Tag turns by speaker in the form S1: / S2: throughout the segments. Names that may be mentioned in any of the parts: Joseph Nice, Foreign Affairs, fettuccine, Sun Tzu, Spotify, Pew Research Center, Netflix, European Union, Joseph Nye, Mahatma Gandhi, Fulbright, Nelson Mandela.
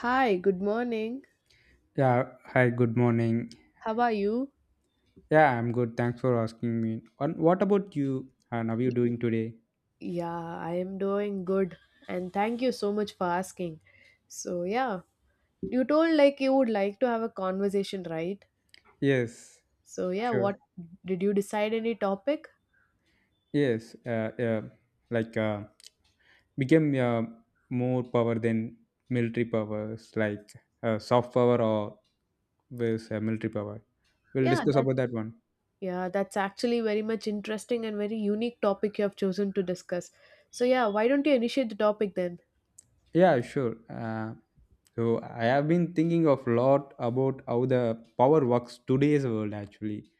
S1: Hi, good morning.
S2: Yeah, hi, good morning.
S1: How are you?
S2: Yeah, I'm good. Thanks for asking me. And what about you? And how are you doing today?
S1: Yeah, I am doing good and thank you so much for asking. So, yeah, you told like you would like to have a conversation, right?
S2: Yes,
S1: So, yeah,
S2: sure.
S1: what did you decide any topic?
S2: Yes, uh, yeah, like uh, became more power than military powers, like soft power or with military power. We'll
S1: Yeah,
S2: discuss
S1: that
S2: about that one.
S1: yeah, that's actually very much interesting and very unique topic you have chosen to discuss. So, yeah, why don't you initiate the topic then?
S2: Yeah, sure. So I have been thinking of lot about how the power works today's world actually,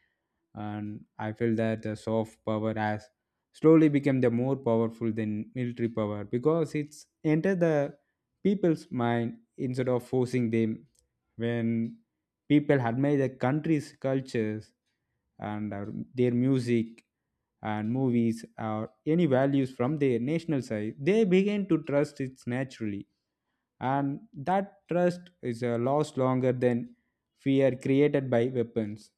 S2: and I feel that the soft power has slowly become the more powerful than military power because it's entered the people's mind instead of forcing them. When people admire the country's cultures and our, their music and movies or any values from their national side, they begin to trust it naturally and that trust is lost longer than fear created by weapons.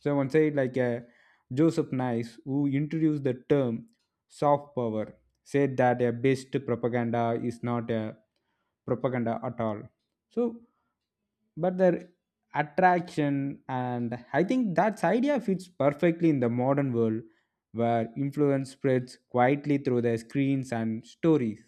S2: So one said Joseph Nice, who introduced the term soft power, said that a best propaganda is not a propaganda at all. So, but the attraction and I think that idea fits perfectly in the modern world where influence spreads quietly through the screens and stories.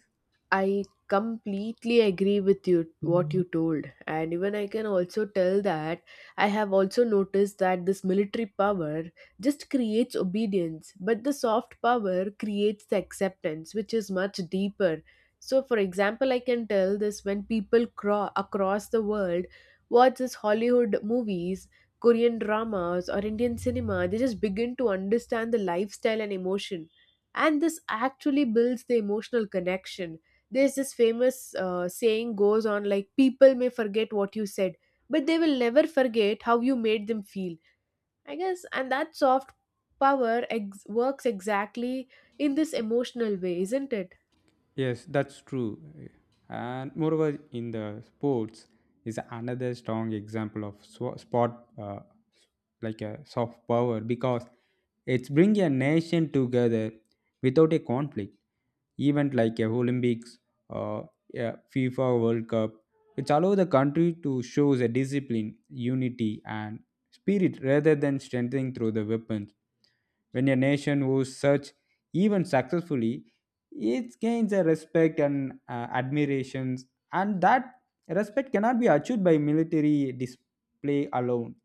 S1: I completely agree with you what you told and even I can also tell that I have also noticed that this military power just creates obedience but the soft power creates the acceptance which is much deeper. So for example I can tell this when people across the world watch this Hollywood movies, Korean dramas or Indian cinema. They just begin to understand the lifestyle and emotion and this actually builds the emotional connection. There's this famous saying goes on like, people may forget what you said, but they will never forget how you made them feel. I guess, and that soft power works exactly in this emotional way, isn't it?
S2: Yes, that's true. And moreover, in the sports is another strong example of sport, like a soft power, because it's bring a nation together without a conflict. Event like a Olympics, uh, a FIFA World Cup, which allow the country to show the discipline, unity, and spirit rather than strengthening through the weapons. When a nation who such even successfully it gains a respect and admirations, and that respect cannot be achieved by military display alone.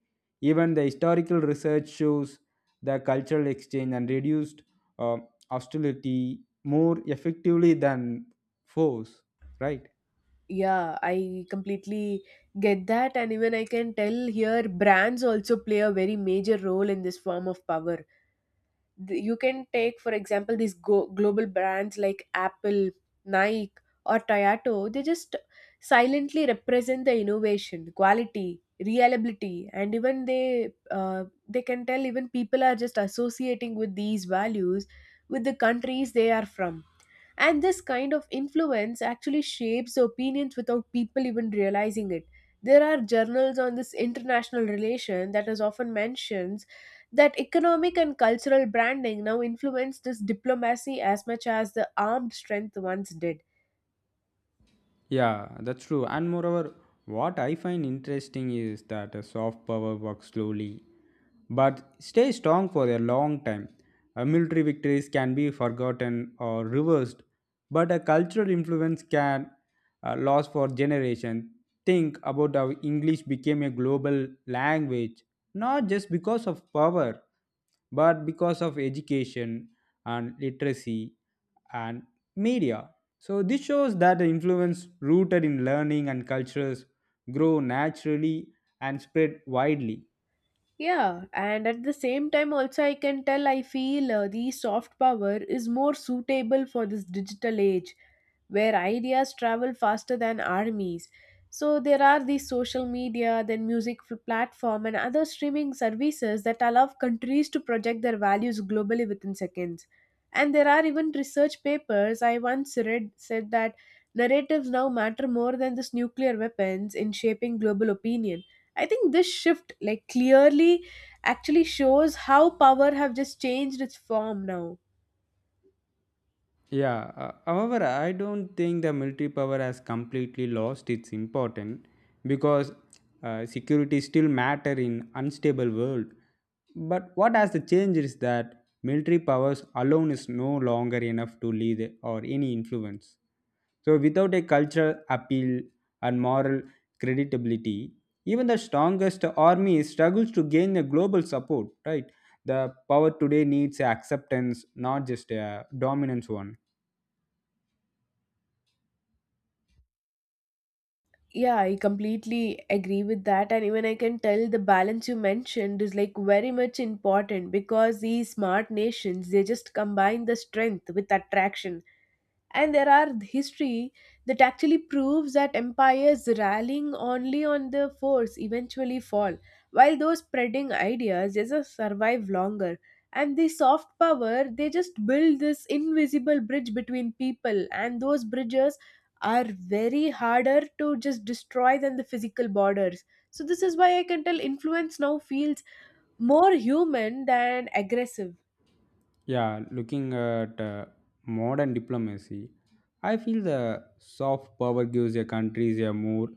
S2: Even the historical research shows the cultural exchange and reduced uh, hostility more effectively than force, right?
S1: Yeah, I completely get that, and even I can tell here brands also play a very major role in this form of power. You can take for example these global brands like Apple, Nike or Toyota. They just silently represent the innovation, quality, reliability and even they they can tell even people are just associating with these values with the countries they are from, and this kind of influence actually shapes opinions without people even realizing it. There are journals on this international relation that is often mentions that economic and cultural branding now influence this diplomacy as much as the armed strength once did.
S2: Yeah, that's true. And moreover, what I find interesting is that a soft power works slowly but stay strong for a long time. Military victories can be forgotten or reversed, but a cultural influence can last for generations. Think about how English became a global language, not just because of power, but because of education and literacy and media. So this shows that the influence rooted in learning and cultures grow naturally and spread widely.
S1: Yeah, and at the same time, also, I can tell I feel the soft power is more suitable for this digital age where ideas travel faster than armies. So, there are these social media, then music platform, and other streaming services that allow countries to project their values globally within seconds. And there are even research papers I once read said that narratives now matter more than this nuclear weapons in shaping global opinion. I think this shift, like clearly, actually shows how power have just changed its form now.
S2: Yeah, however, I don't think the military power has completely lost its importance because security still matter in unstable world. But what has the change is that military powers alone is no longer enough to lead or any influence. So without a cultural appeal and moral credibility, even the strongest army struggles to gain a global support, right? The power today needs acceptance, not just a dominance one.
S1: Yeah, I completely agree with that. And even I can tell the balance you mentioned is like very much important, because these smart nations they just combine the strength with attraction, and there are history that actually proves that empires rallying only on the force eventually fall, while those spreading ideas just survive longer. And the soft power they just build this invisible bridge between people, and those bridges are very harder to just destroy than the physical borders. So this is why I can tell influence now feels more human than aggressive.
S2: Yeah, looking at modern diplomacy, I feel the soft power gives a countries a more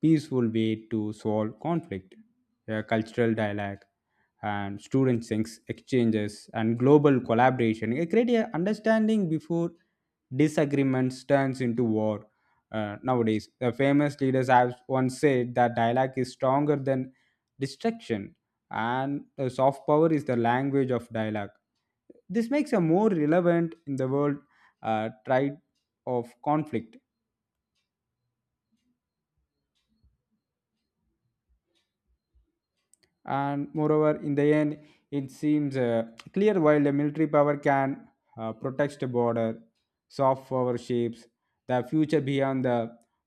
S2: peaceful way to solve conflict, a cultural dialogue, and students' exchanges and global collaboration. It create a understanding before disagreements turns into war. Nowadays, the famous leaders have once said that dialogue is stronger than destruction and the soft power is the language of dialogue. This makes a more relevant in the world tide of conflict. And moreover in the end it seems clear, while the military power can protect the border, soft power shapes the future beyond the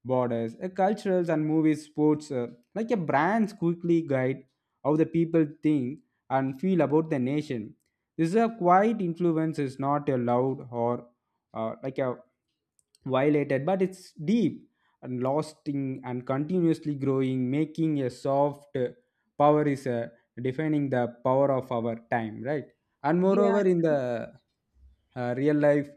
S2: borders. Culturals and movies, sports, like a brands quickly guide how the people think and feel about the nation. This is a quiet influence, is not a loud or like a violated, but it's deep and lasting and continuously growing, making a soft power is defining the power of our time, right? And moreover
S1: Yeah,
S2: in the real life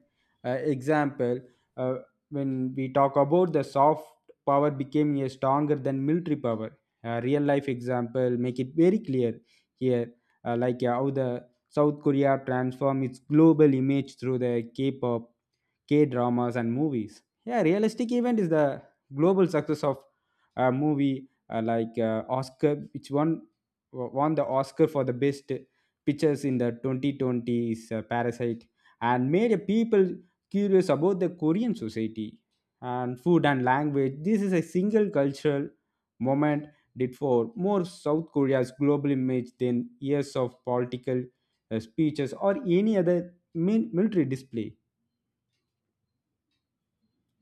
S2: example, uh, when we talk about the soft power became a stronger than military power, real life example make it very clear here. How the South Korea transform its global image through the K-pop, K-dramas and movies. Yeah, realistic event is the global success of a movie, Oscar, which one won the Oscar for the best pictures in the 2020 is Parasite, and made a people curious about the Korean society and food and language. This is a single cultural moment did for more South Korea's global image than years of political speeches or any other military display.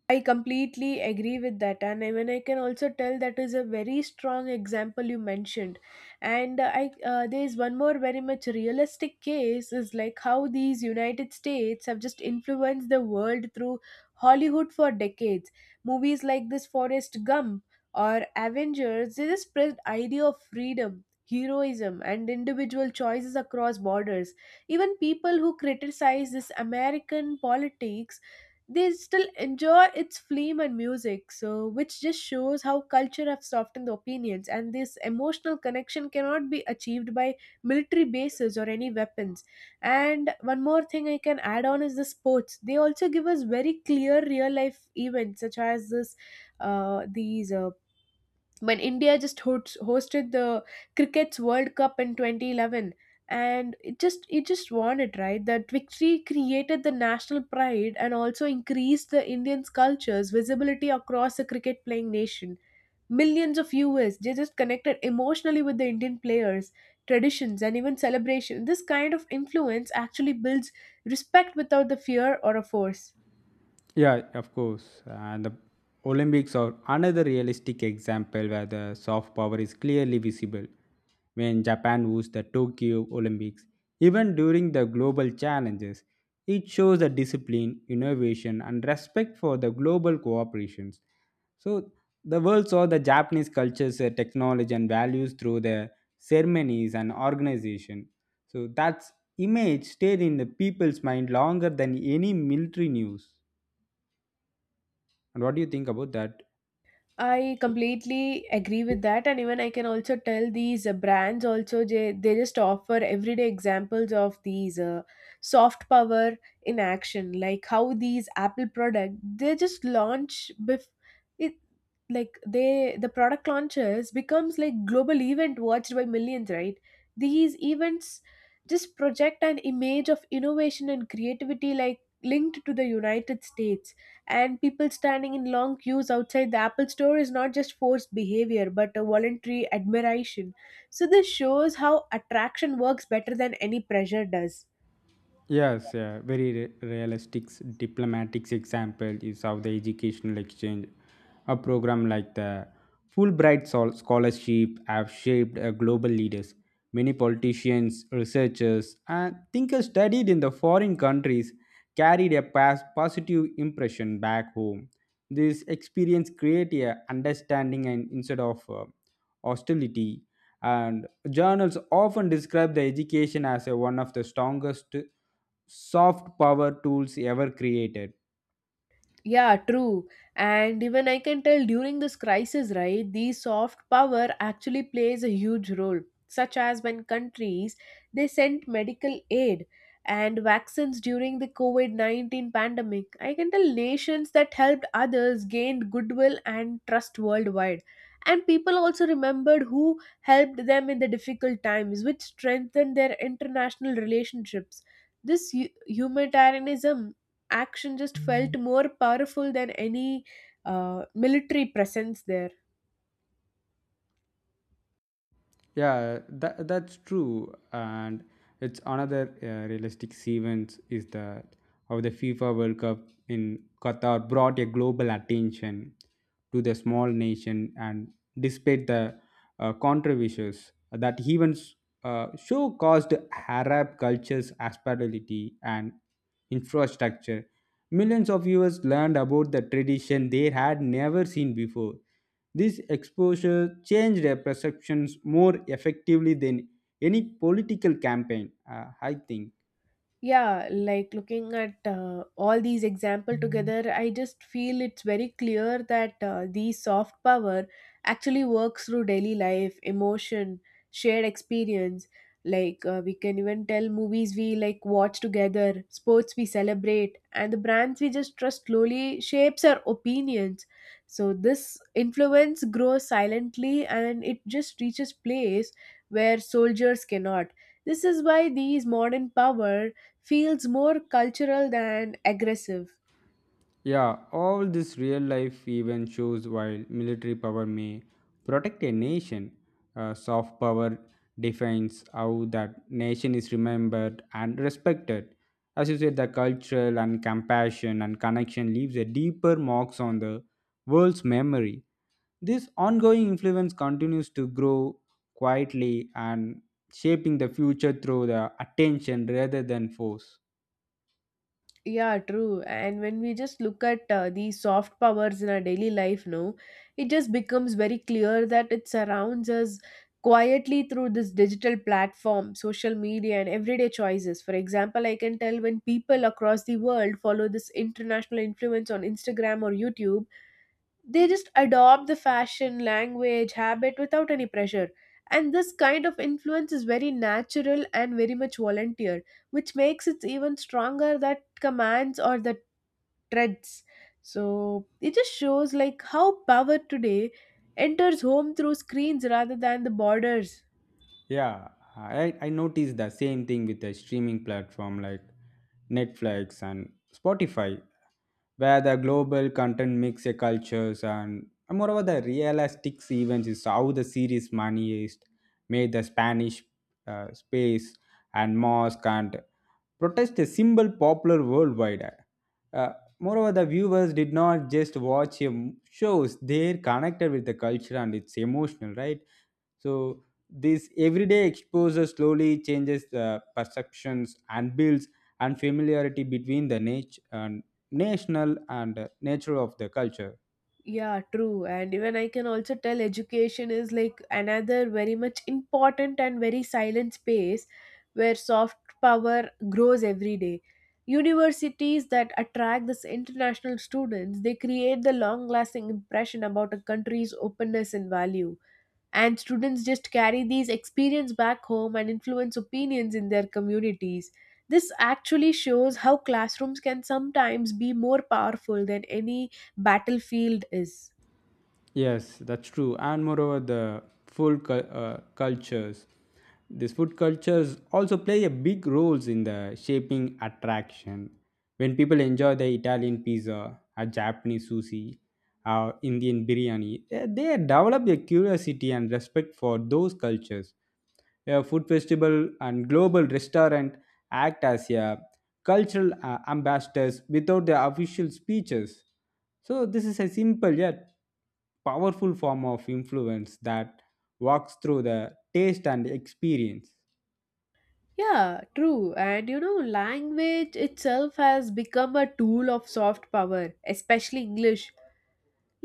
S1: I completely agree with that, and I mean I can also tell that is a very strong example you mentioned, and I there is one more very much realistic case is like how these United States have just influenced the world through Hollywood for decades. Movies like this Forrest Gump or Avengers, they just spread idea of freedom, heroism, and individual choices across borders. Even people who criticize this American politics, they still enjoy its film and music, so which just shows how culture have softened the opinions, and this emotional connection cannot be achieved by military bases or any weapons. And one more thing I can add on is the sports, they also give us very clear real life events such as this these when India just hosted the cricket's World Cup in 2011 and it just won it, right? That victory created the national pride and also increased the Indians culture's visibility across the cricket playing nation. Millions of viewers, they just connected emotionally with the Indian players, traditions and even celebration. This kind of influence actually builds respect without the fear or a force.
S2: Yeah, of course. And the Olympics are another realistic example where the soft power is clearly visible. When Japan hosts the Tokyo Olympics, even during the global challenges, it shows the discipline, innovation, and respect for the global cooperations. So the world saw the Japanese culture's technology and values through their ceremonies and organization. So that image stayed in the people's mind longer than any military news. And what do you think about that?
S1: I completely agree with that, and even I can also tell these brands also, they just offer everyday examples of these soft power in action, like how these Apple product they just launch bef- it like they the product launches becomes like global event watched by millions, right? These events just project an image of innovation and creativity, like linked to the United States, and people standing in long queues outside the Apple store is not just forced behavior but a voluntary admiration. So, this shows how attraction works better than any pressure does.
S2: Yes, yeah, very realistic diplomatics example is of the educational exchange. A program like the Fulbright Scholarship have shaped global leaders. Many politicians, researchers, and thinkers studied in the foreign countries carried a past positive impression back home. This experience created a understanding and instead of hostility. And journals often describe the education as a, one of the strongest soft power tools ever created.
S1: Yeah, true. And even I can tell during this crisis, right, the soft power actually plays a huge role, such as when countries they sent medical aid and vaccines during the COVID-19 pandemic. I can tell nations that helped others gained goodwill and trust worldwide. And people also remembered who helped them in the difficult times, which strengthened their international relationships. This humanitarianism action just felt more powerful than any military presence there.
S2: That's true. And it's another realistic event is that how the FIFA World Cup in Qatar brought a global attention to the small nation, and despite the controversies, that events show caused Arab cultures hospitality and infrastructure. Millions of viewers learned about the tradition they had never seen before. This exposure changed their perceptions more effectively than any political campaign, I think.
S1: Yeah, like looking at all these example together, I just feel it's very clear that these soft power actually works through daily life, emotion, shared experience. Like we can even tell movies we like watch together, sports we celebrate, and the brands we just trust slowly shapes our opinions. So this influence grows silently, and it just reaches place where soldiers cannot. This is why these modern power feels more cultural than aggressive.
S2: Yeah, all this real life even shows while military power may protect a nation, soft power defines how that nation is remembered and respected. As you said, the cultural and compassion and connection leaves a deeper marks on the world's memory. This ongoing influence continues to grow quietly and shaping the future through the attention rather than force.
S1: Yeah, true. And when we just look at these soft powers in our daily life, no, it just becomes very clear that it surrounds us quietly through this digital platform, social media, and everyday choices. For example, I can tell when people across the world follow this international influence on Instagram or YouTube, they just adopt the fashion language habit without any pressure, and this kind of influence is very natural and very much volunteer, which makes it even stronger that commands or the threads. So it just shows like how power today enters home through screens rather than the borders.
S2: Yeah, I noticed the same thing with the streaming platform like Netflix and Spotify, where the global content mix a cultures, and moreover the realistic events is how the series money is made the Spanish space and mosque and protest a symbol popular worldwide. Uh, Moreover, the viewers did not just watch shows, they connected with the culture and it's emotional, right? So, this everyday exposure slowly changes the perceptions and builds and familiarity between the and national and nature of the culture.
S1: Yeah, true. And even I can also tell education is like another very much important and very silent space where soft power grows every day. Universities that attract this international students, they create the long lasting impression about a country's openness and value, and students just carry these experience back home and influence opinions in their communities. This actually shows how classrooms can sometimes be more powerful than any battlefield is.
S2: Yes, that's true. And moreover, the cultures, these food cultures also play a big roles in the shaping attraction. When people enjoy the Italian pizza, a Japanese sushi, or Indian biryani, eh, they develop a curiosity and respect for those cultures. A food festival and global restaurant act as a cultural ambassadors without their official speeches. So this is a simple yet powerful form of influence that walks through the taste and experience.
S1: Yeah, true. And you know, language itself has become a tool of soft power, especially English.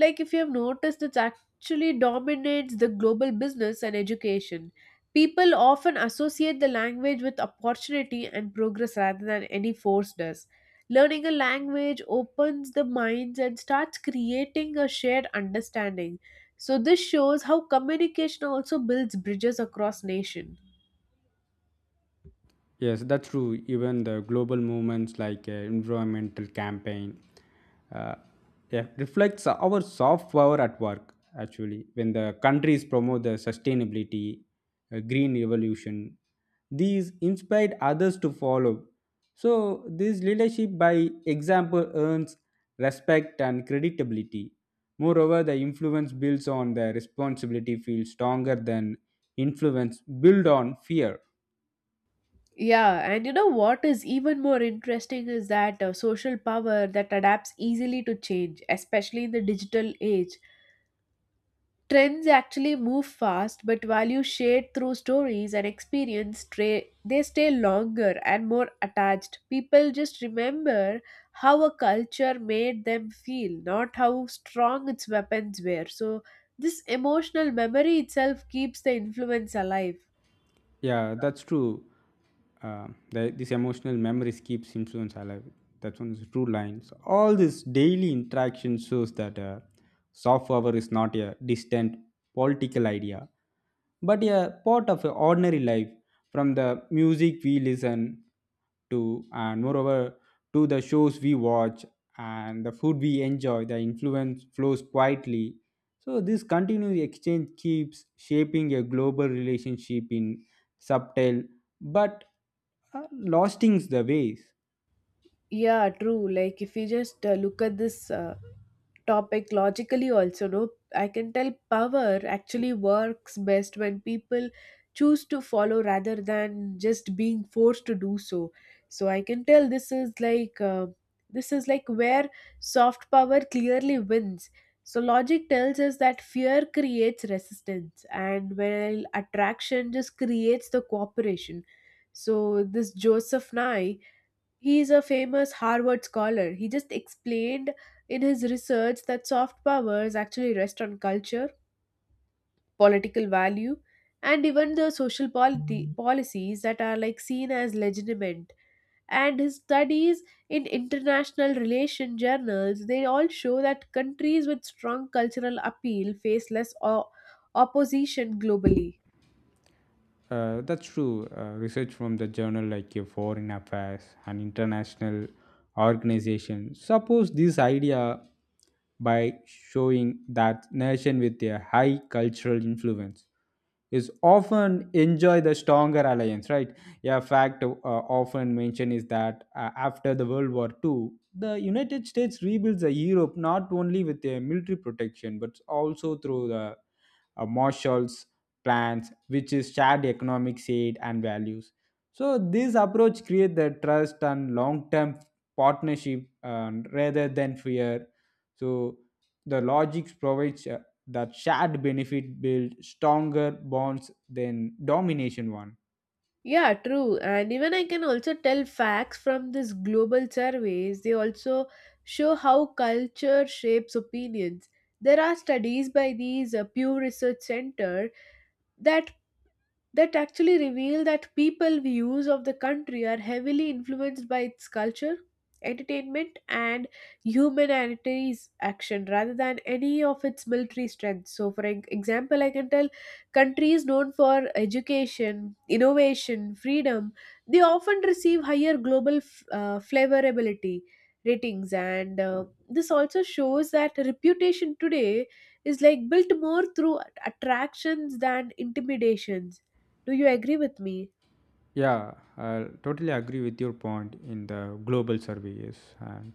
S1: Like if you have noticed, it actually dominates the global business and education. People often associate the language with opportunity and progress rather than any force does. Learning a language opens the minds and starts creating a shared understanding. So this shows how communication also builds bridges across nation.
S2: Yes, that's true. Even the global movements like environmental campaign, uh, yeah, reflects our soft power at work. Actually, when the countries promote the sustainability, green revolution, these inspired others to follow. So this leadership by example earns respect and credibility. Moreover, the influence builds on the responsibility feels stronger than influence built on fear.
S1: Yeah, and you know what is even more interesting is that social power that adapts easily to change, especially in the digital age. Trends actually move fast, but values shared through stories and experience, they stay longer and more attached. People just remember how a culture made them feel, not how strong its weapons were. So, this emotional memory itself keeps the influence alive.
S2: Yeah, that's true. This emotional memories keeps influence alive. That one is true line. So all this daily interaction shows that soft power is not a distant political idea, but a part of a ordinary life. From the music we listen to, and moreover to the shows we watch and the food we enjoy, the influence flows quietly. So this continuous exchange keeps shaping a global relationship in subtle but lostings the ways.
S1: Yeah, true. Like, if you just look at this. Topic logically also, no, I can tell power actually works best when people choose to follow rather than just being forced to do so. So I can tell this is like where soft power clearly wins. So logic tells us that fear creates resistance and while attraction just creates the cooperation. So this Joseph Nye, he is a famous Harvard scholar. He just explained in his research that soft powers actually rest on culture, political value, and even the social policies that are like seen as legitimate. And his studies in international relation journals, they all show that countries with strong cultural appeal face less opposition globally.
S2: That's true. Research from the journal like your Foreign Affairs and international organization suppose this idea by showing that nation with a high cultural influence is often enjoy the stronger alliance, right? Yeah, fact often mentioned is that after the World War Two, the United States rebuilds the Europe not only with their military protection but also through the marshals plans, which is shared economic aid and values. So this approach creates the trust and long term partnership, rather than fear. So the logic provides that shared benefit build stronger bonds than domination one.
S1: Yeah, true. And even I can also tell facts from these global surveys. They also show how culture shapes opinions. There are studies by these Pew Research Center that that actually reveal that people views of the country are heavily influenced by its culture, entertainment and humanitarian action rather than any of its military strength. So for example I can tell countries known for education, innovation, freedom, they often receive higher global flavorability ratings, and this also shows that reputation today is like built more through attractions than intimidations. Do you agree with me?
S2: Yeah, I totally agree with your point in the global surveys. And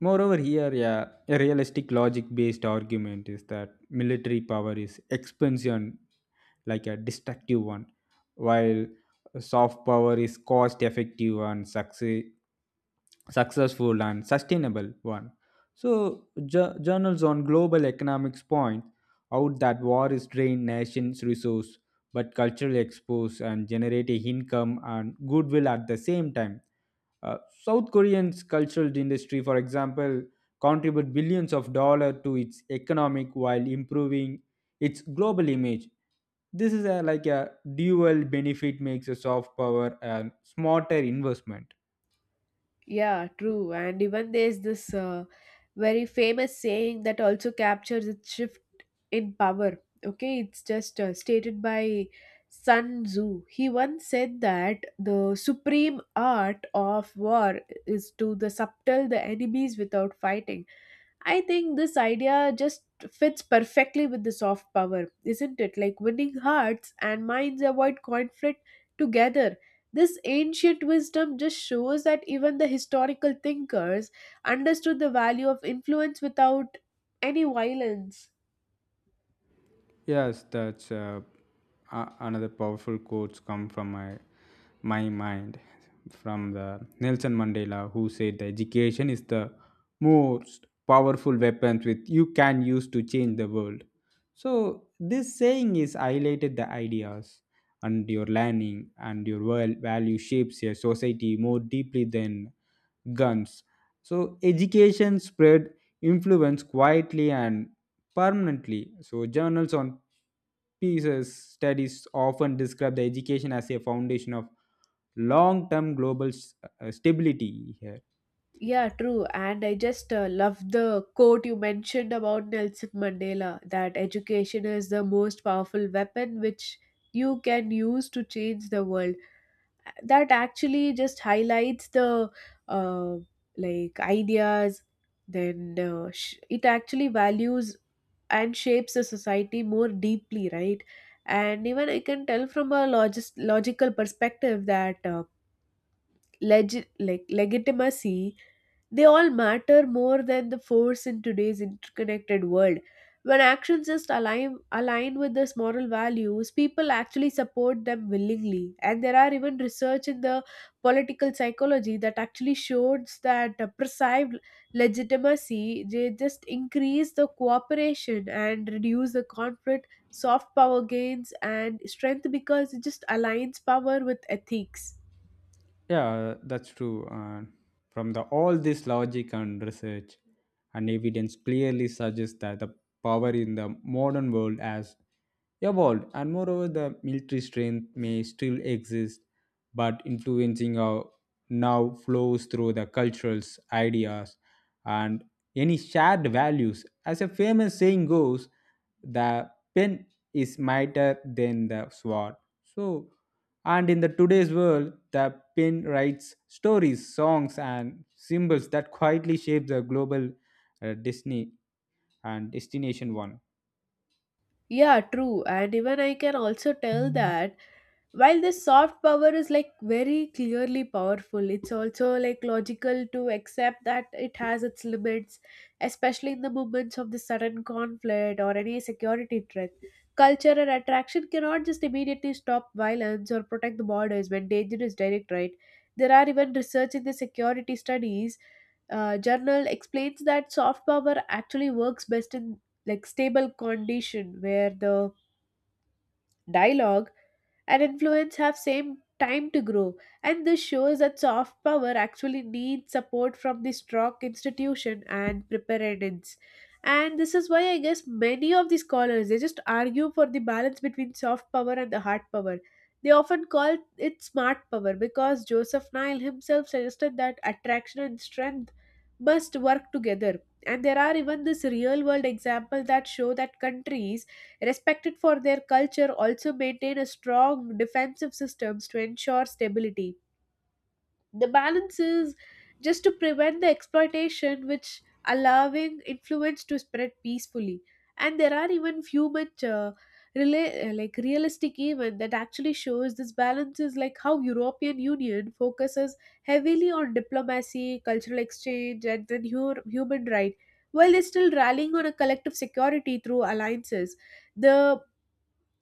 S2: moreover, here, yeah, a realistic logic based argument is that military power is expansion, like a destructive one, while soft power is cost effective and successful and sustainable one. So, journals on global economics point out that war is drained nations' resource but cultural expose and generate a income and goodwill at the same time. Uh, South Korean's cultural industry, for example, contribute billions of dollars to its economic while improving its global image. This is a, like a dual benefit makes a soft power and smarter investment.
S1: Yeah, true. And even there's this very famous saying that also captures its shift in power. Okay, it's just stated by Sun Tzu. He once said that the supreme art of war is to the subtle the enemies without fighting. I think this idea just fits perfectly with the soft power, isn't it? Like winning hearts and minds, avoid conflict together. This ancient wisdom just shows that even the historical thinkers understood the value of influence without any violence.
S2: Yes, that's another powerful quotes come from my mind from the Nelson Mandela who said the education is the most powerful weapon with you can use to change the world. So this saying is highlighted the ideas and your learning and your world value shapes your society more deeply than guns. So education spread influence quietly and permanently. So journals on pieces studies often describe the education as a foundation of long-term global stability here.
S1: Yeah, true. And I just love the quote you mentioned about Nelson Mandela, that education is the most powerful weapon which you can use to change the world. That actually just highlights the uh, like ideas. Then it actually values and shapes the society more deeply, right? And even I can tell from a logical perspective that like legitimacy, they all matter more than the force in today's interconnected world. When actions just align with these moral values, people actually support them willingly. And there are even research in the political psychology that actually shows that perceived legitimacy, they just increase the cooperation and reduce the conflict. Soft power gains and strength because it just aligns power with ethics.
S2: Yeah, that's true. From the all this logic and research and evidence clearly suggests that the power in the modern world has evolved, and moreover, the military strength may still exist, but influencing our now flows through the cultures, ideas, and any shared values. As a famous saying goes, the pen is mightier than the sword. So and in the today's world, the pen writes stories, songs, and symbols that quietly shape the global Disney and destination one.
S1: Yeah, true. And even I can also tell. Mhm. That while this soft power is like very clearly powerful, it's also like logical to accept that it has its limits, especially in the moments of the sudden conflict or any security threat. Culture and attraction cannot just immediately stop violence or protect the borders when danger is direct, right? There are even research in the security studies journal explains that soft power actually works best in like stable condition, where the dialogue and influence have same time to grow. And this shows that soft power actually needs support from the strong institution and preparedness. And this is why I guess many of the scholars, they just argue for the balance between soft power and the hard power. They often call it smart power, because Joseph Nile himself suggested that attraction and strength must work together. And there are even this real world example that show that countries respected for their culture, also maintain a strong defensive systems to ensure stability. The balance is just to prevent the exploitation, which allowing influence to spread peacefully. And there are even few much like realistic even that actually shows this balance is, like, how European Union focuses heavily on diplomacy, cultural exchange, and then human right, while they're still rallying on a collective security through alliances. The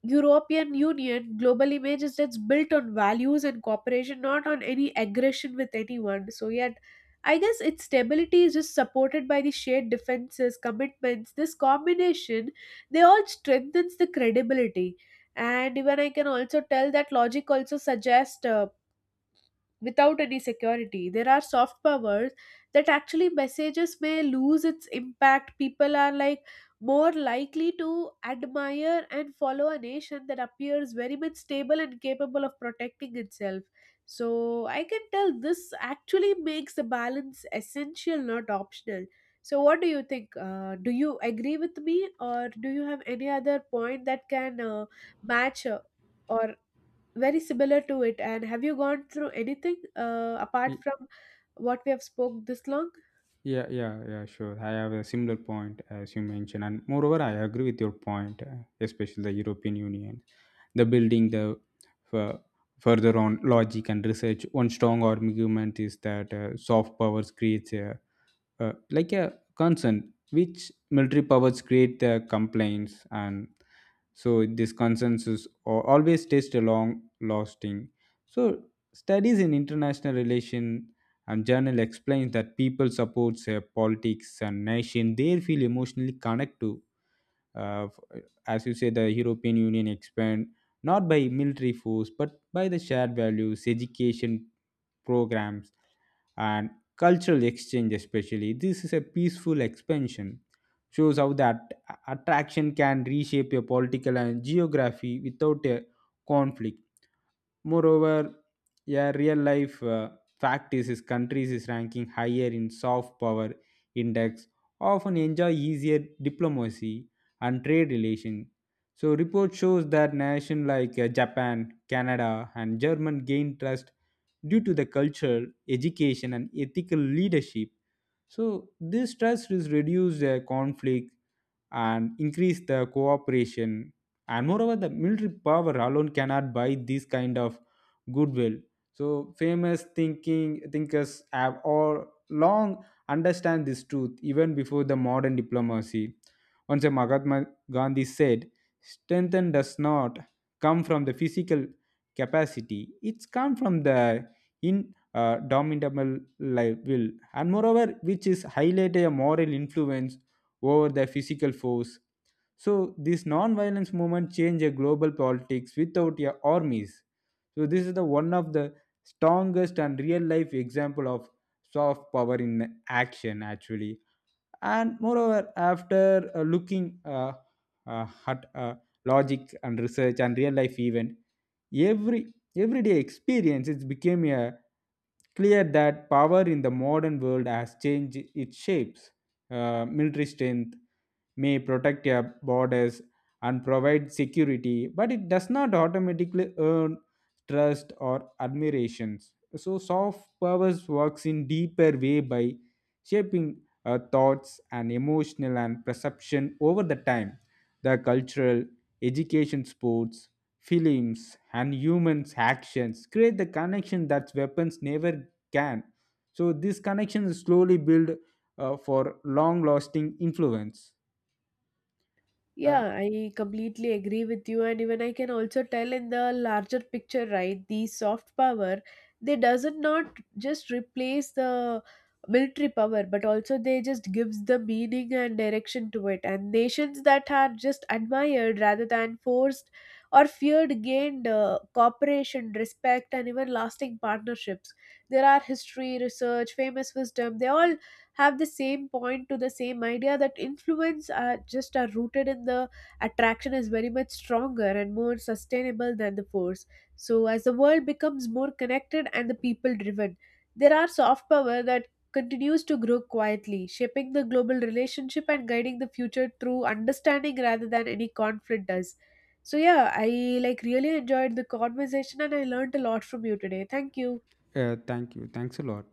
S1: European Union global image is that's built on values and cooperation, not on any aggression with anyone. So yet I guess its stability is just supported by the shared defenses, commitments. This combination, they all strengthens the credibility. And even I can also tell that logic also suggests, without any security, there are soft powers that actually messages may lose its impact. People are like more likely to admire and follow a nation that appears very much stable and capable of protecting itself. So I can tell this actually makes the balance essential, not optional. So what do you think? Do you agree with me, or do you have any other point that can match or very similar to it, and have you gone through anything apart
S2: Y-
S1: from what we have spoke this long?
S2: yeah, sure. I have a similar point as you mentioned, and moreover, I agree with your point, especially the European Union, the building the fu- further on logic and research. One strong argument is that soft powers creates a like a concern which military powers create the complaints and so this consensus always stays long lasting. So studies in international relation and journal explains that people supports a politics and nation they feel emotionally connected to, uh, f- uh, as you say the European Union expand not by military force but by the shared values, education programs, and cultural exchange, especially this is a peaceful expansion shows how that attraction can reshape your political and geography without a conflict. Moreover, a real life fact is his country is ranking higher in soft power index, often enjoy easier diplomacy and trade relation. So report shows that nations like Japan, Canada, and German gain trust due to the culture, education, and ethical leadership. So this trust is reduce the conflict and increase the cooperation, and moreover the military power alone cannot buy this kind of goodwill. So famous thinking thinkers have all long understand this truth even before the modern diplomacy. Once a Mahatma Gandhi said strength does not come from the physical capacity, it's come from the in dominable will, and moreover which is highlighted a moral influence over the physical force. So this non-violence movement changed a global politics without a armies. So this is the one of the strongest and real life example of soft power in action actually. And moreover after looking at logic and research and real life event, everyday experience, it became a clear that power in the modern world has changed its shapes. Military strength may protect your borders and provide security, but it does not automatically earn trust or admirations. So soft powers works in deeper way by shaping thoughts and emotional and perception over the time. The cultural, education, sports, films, and humans' actions create the connection that weapons never can. So this connection is slowly built for long-lasting influence. Uh,
S1: Yeah, I completely agree with you. And even I can also tell, in the larger picture, right? The soft power, they doesn't not just replace the military power, but also they just gives the meaning and direction to it. And nations that are just admired rather than forced or feared gained cooperation, respect, and even lasting partnerships. There are history, research, famous wisdom. They all have the same point to the same idea, that influence are just are rooted in the attraction, is very much stronger and more sustainable than the force. So as the world becomes more connected and the people driven, there are soft power that continues to grow, quietly shaping the global relationship and guiding the future through understanding rather than any conflict does. So yeah, I like really enjoyed the conversation, and I learned a lot from you today. Thank you.
S2: Thank you. Thanks a lot.